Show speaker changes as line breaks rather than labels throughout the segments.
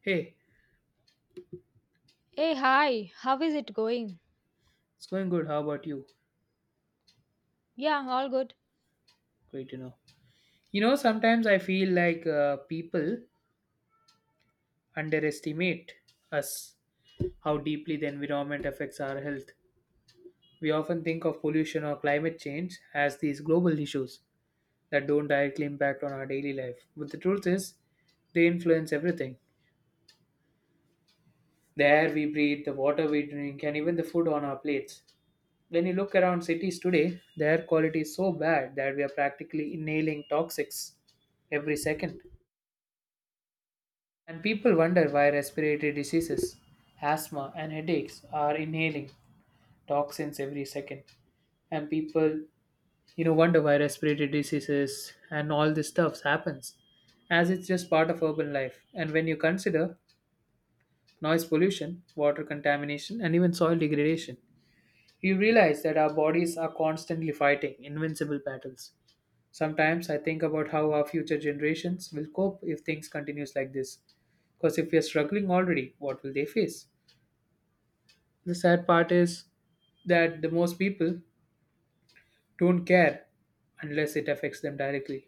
Hey,
Hey, hi, how is it going?
it's going good. How about you?
Yeah, all good.
Great to know. You know, sometimes I feel like people underestimate us, how deeply the environment affects our health. We often think of pollution or climate change as these global issues that don't directly impact on our daily life. But the truth is, they influence everything the air we breathe, the water we drink, and even the food on our plates. When you look around cities today, the air quality is so bad that we are practically inhaling toxics every second. And people wonder why respiratory diseases, asthma, and headaches are inhaling toxins every second. And people, you know, wonder why respiratory diseases and all this stuff happens, as it's just part of urban life. And when you consider noise pollution, water contamination, and even soil degradation, you realize that our bodies are constantly fighting invincible battles. Sometimes I think about how our future generations will cope if things continues like this. Because if we are struggling already, what will they face? The sad part is that the most people don't care unless it affects them directly.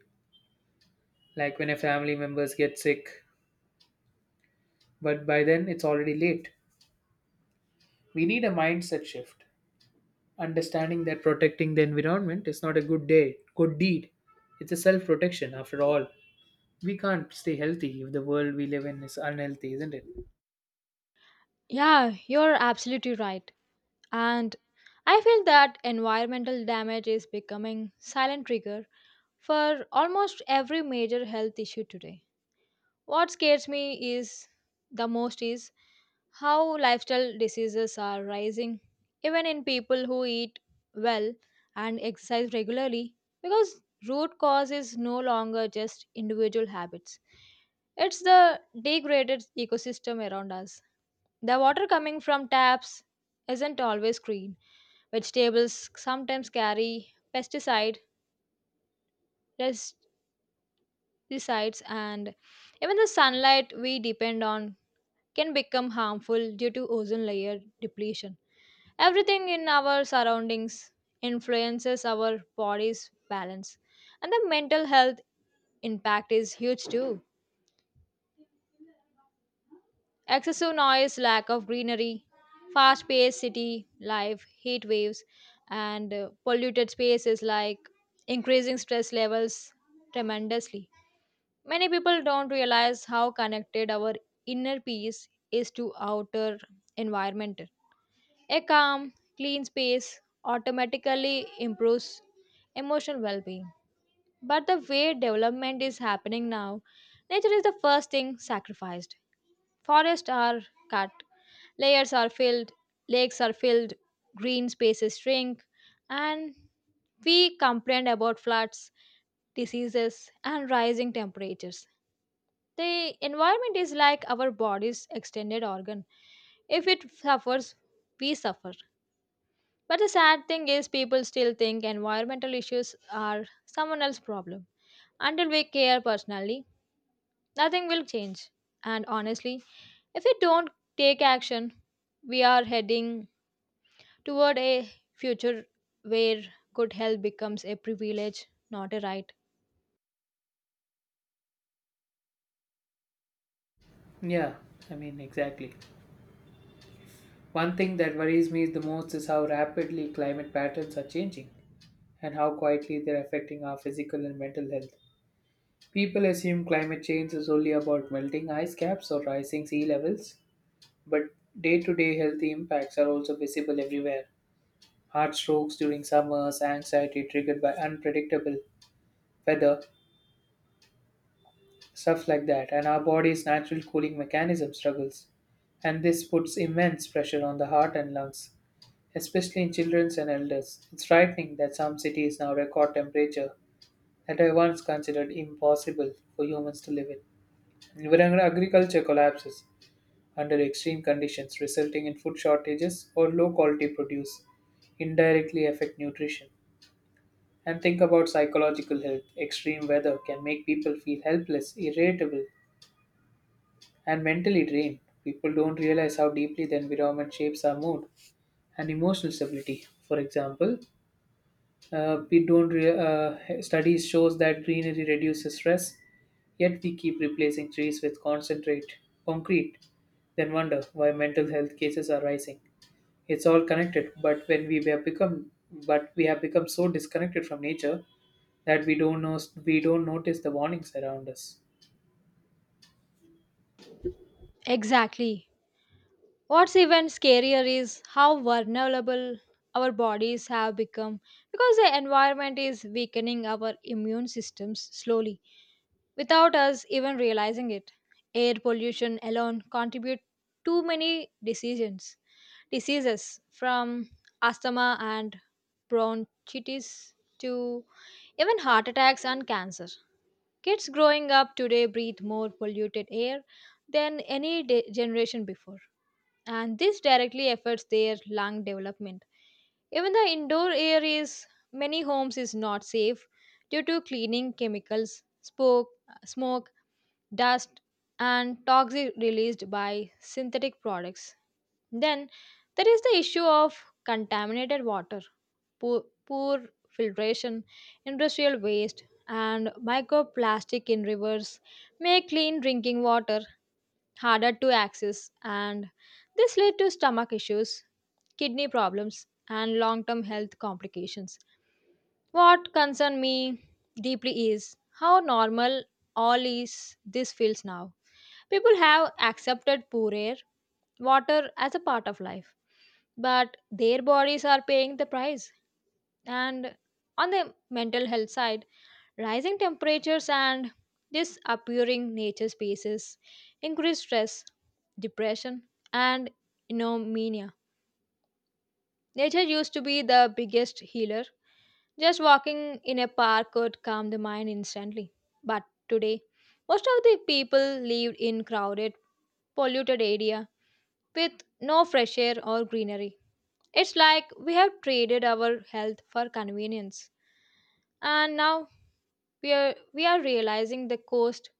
Like when a family members get sick, but by then it's already late. We need a mindset shift, understanding that protecting the environment is not a good day, good deed. It's a self-protection after all. We can't stay healthy if the world we live in is unhealthy, isn't it?
Yeah, you're absolutely right. And I feel that environmental damage is becoming silent trigger for almost every major health issue today. What scares me is the most is how lifestyle diseases are rising, even in people who eat well and exercise regularly, because root cause is no longer just individual habits. It's the degraded ecosystem around us. The water coming from taps isn't always clean. Vegetables sometimes carry pesticides, and even the sunlight we depend on can become harmful due to ozone layer depletion. Everything in our surroundings influences our body's balance, and the mental health impact is huge too. Excessive noise, lack of greenery, fast paced city life, heat waves, and polluted spaces like increasing stress levels tremendously. Many people don't realize how connected our inner peace is to outer environment. A calm, clean space automatically improves emotional well being. But the way development is happening now, nature is the first thing sacrificed. Forests are cut, layers are filled, lakes are filled, green spaces shrink, and we complain about floods, diseases, and rising temperatures. The environment is like our body's extended organ. If it suffers, we suffer. But the sad thing is, people still think environmental issues are someone else's problem. Until we care personally, nothing will change. And honestly, if we don't take action, we are heading toward a future where good health becomes a privilege, not a right.
Yeah, I mean, exactly. One thing that worries me the most is how rapidly climate patterns are changing and how quietly they're affecting our physical and mental health. People assume climate change is only about melting ice caps or rising sea levels, but day to day health impacts are also visible everywhere. Heart strokes during summers, anxiety triggered by unpredictable weather, stuff like that, and our body's natural cooling mechanism struggles. And this puts immense pressure on the heart and lungs, especially in children and elders. It's frightening that some cities now record temperature that I once considered impossible for humans to live in. Environmental agriculture collapses under extreme conditions, resulting in food shortages or low quality produce, indirectly affect nutrition. And think about psychological health. Extreme weather can make people feel helpless, irritable, and mentally drained. People don't realize how deeply the environment shapes our mood and emotional stability. For example, we don't studies shows that greenery reduces stress, yet we keep replacing trees with concentrate concrete. Then wonder why mental health cases are rising. It's all connected, but when we have become but we have become so disconnected from nature that we don't notice the warnings around us.
Exactly. What's even scarier is how vulnerable our bodies have become because the environment is weakening our immune systems slowly without us even realizing it. Air pollution alone contributes too many decisions, diseases from asthma and bronchitis to even heart attacks and cancer. Kids growing up today breathe more polluted air than any generation before, and this directly affects their lung development. Even the indoor air is many homes is not safe due to cleaning chemicals, smoke, dust, and toxic released by synthetic products. Then there is the issue of contaminated water, poor filtration, industrial waste, and microplastic in rivers make clean drinking water harder to access, and this led to stomach issues, kidney problems, and long term health complications. What concerns me deeply is how normal all is this feels now. People have accepted poor air, water as a part of life, but their bodies are paying the price. And on the mental health side, rising temperatures and disappearing nature spaces increase stress, depression, and anomia. Nature used to be the biggest healer. Just walking in a park could calm the mind instantly. But today, most of the people lived in crowded, polluted area with no fresh air or greenery. It's like we have traded our health for convenience. And now we are realizing the cost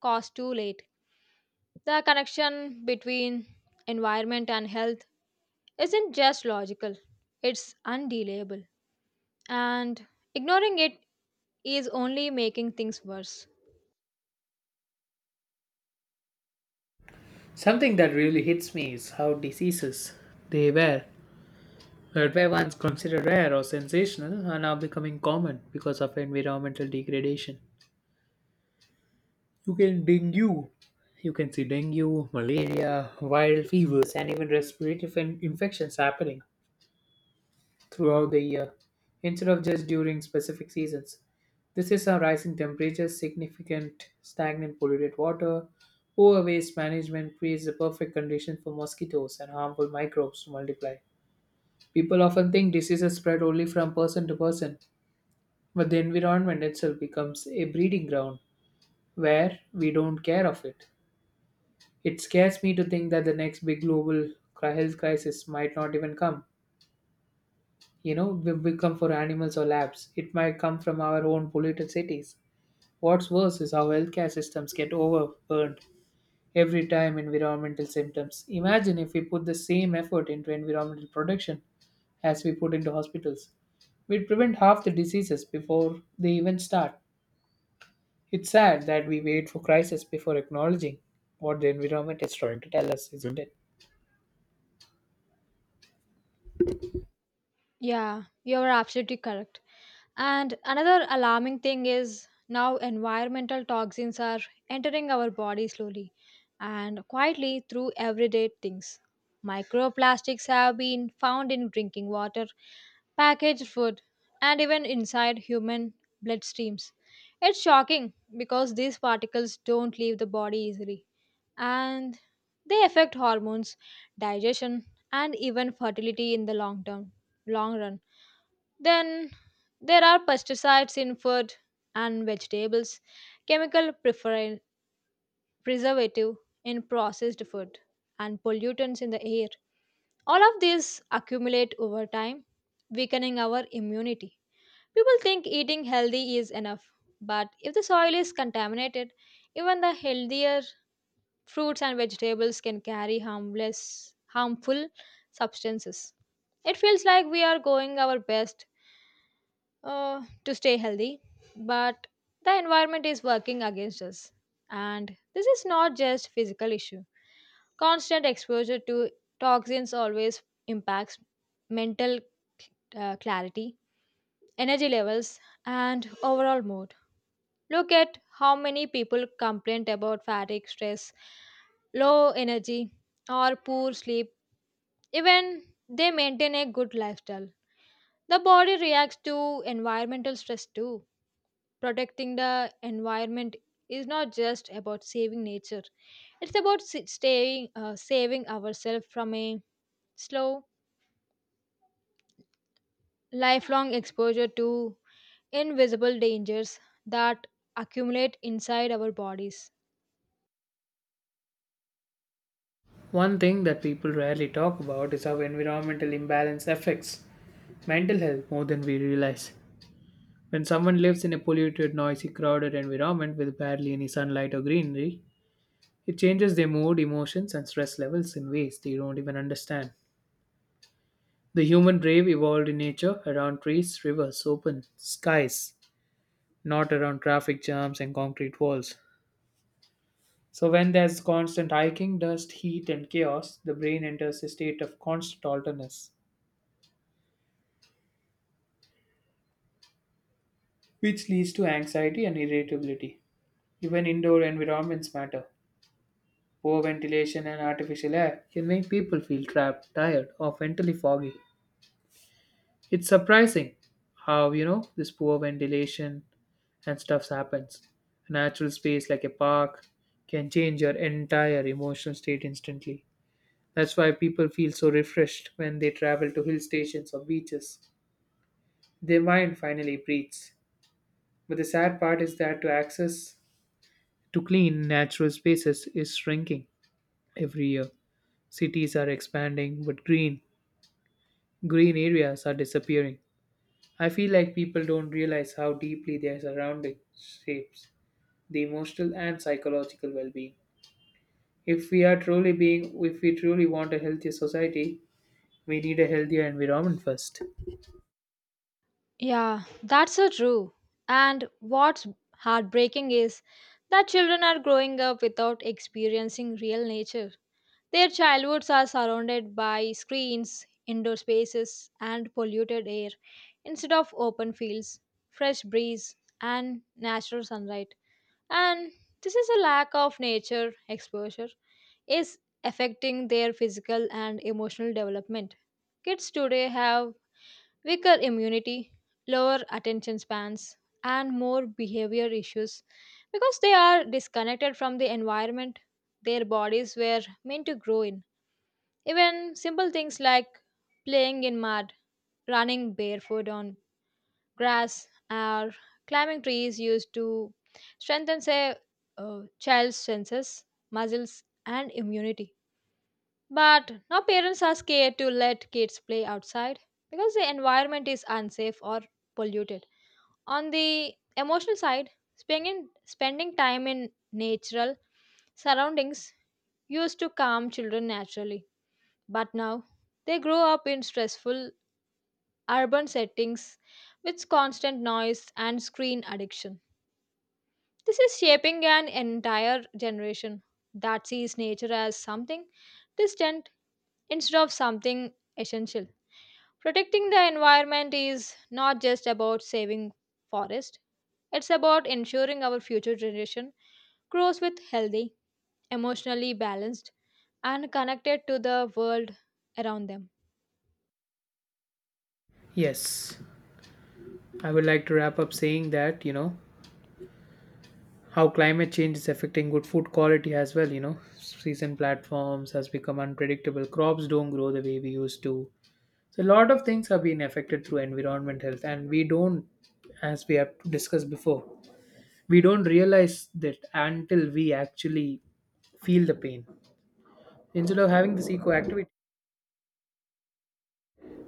cost too late. The connection between environment and health isn't just logical, it's undeniable. And ignoring it is only making things worse.
Something that really hits me is how diseases they were that were once considered rare or sensational are now becoming common because of environmental degradation. You can dengue. You can see dengue, malaria, viral fevers, and even respiratory infections happening throughout the year instead of just during specific seasons. This is how rising temperatures, significant stagnant polluted water, poor waste management creates the perfect condition for mosquitoes and harmful microbes to multiply. People often think diseases spread only from person to person, but the environment itself becomes a breeding ground where we don't care of it. It scares me to think that the next big global health crisis might not even come. You know, will come for animals or labs. It might come from our own polluted cities. What's worse is how healthcare systems get overburned every time environmental symptoms. Imagine if we put the same effort into environmental protection as we put into hospitals. We'd prevent half the diseases before they even start. It's sad that we wait for crisis before acknowledging what the environment is trying to tell us, isn't it?
Yeah, you're absolutely correct. And another alarming thing is now environmental toxins are entering our body slowly and quietly through everyday things. Microplastics have been found in drinking water, packaged food, and even inside human bloodstreams. It's shocking because these particles don't leave the body easily, and they affect hormones, digestion, and even fertility in the long term, long run. Then there are pesticides in food and vegetables, chemical preservative in processed food, and pollutants in the air. All of these accumulate over time, weakening our immunity. People think eating healthy is enough, but if the soil is contaminated, even the healthier fruits and vegetables can carry harmless, harmful substances. It feels like we are going our best to stay healthy, but the environment is working against us. And this is not just physical issue. Constant exposure to toxins always impacts mental clarity, energy levels, and overall mood. Look at how many people complain about fatigue, stress, low energy, or poor sleep, even they maintain a good lifestyle. The body reacts to environmental stress too. Protecting the environment is not just about saving nature. It's about saving ourselves from a slow, lifelong exposure to invisible dangers that accumulate inside our bodies.
One thing that people rarely talk about is how environmental imbalance affects mental health more than we realize. When someone lives in a polluted, noisy, crowded environment with barely any sunlight or greenery, it changes their mood, emotions, and stress levels in ways they don't even understand. The human brain evolved in nature around trees, rivers, open skies, not around traffic jams and concrete walls. So, when there's constant hiking, dust, heat, and chaos, the brain enters a state of constant alertness which leads to anxiety and irritability. Even indoor environments matter. Poor ventilation and artificial air can make people feel trapped, tired, or mentally foggy. It's surprising how, you know, this poor ventilation and stuff happens. A natural space like a park can change your entire emotional state instantly. That's why people feel so refreshed when they travel to hill stations or beaches. Their mind finally breathes. But the sad part is that to access to clean natural spaces is shrinking every year. Cities are expanding, but green areas are disappearing. I feel like people don't realize how deeply their surroundings shapes the emotional and psychological well-being. If we are truly being if we truly want a healthier society, we need a healthier environment first.
Yeah, that's so true. And what's heartbreaking is that children are growing up without experiencing real nature. Their childhoods are surrounded by screens, indoor spaces, and polluted air instead of open fields, fresh breeze, and natural sunlight. And this is a lack of nature exposure is affecting their physical and emotional development. Kids today have weaker immunity, lower attention spans, and more behavior issues because they are disconnected from the environment their bodies were meant to grow in. Even simple things like playing in mud, running barefoot on grass, or climbing trees used to strengthen a child's senses, muscles, and immunity. But now parents are scared to let kids play outside because the environment is unsafe or polluted. On the emotional side, spending time in natural surroundings used to calm children naturally, but now they grow up in stressful urban settings with constant noise and screen addiction. This is shaping an entire generation that sees nature as something distant instead of something essential. Protecting the environment is not just about saving forest, it's about ensuring our future generation grows with healthy, emotionally balanced and connected to the world around them.
Yes, I would like to wrap up saying that, you know, how climate change is affecting good food quality as well, you know, season platforms has become unpredictable, crops don't grow the way we used to, so a lot of things have been affected through environment health, and we don't, as we have discussed before, we don't realize that until we actually feel the pain. Instead of having this eco activity,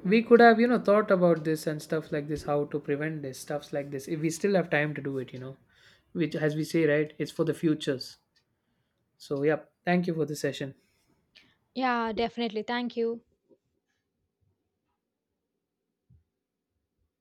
we could have, you know, thought about this and stuff like this, how to prevent this stuffs like this if we still have time to do it, you know, which as we say, right, it's for the futures. So yeah, thank you for the session.
Yeah, definitely. Thank you.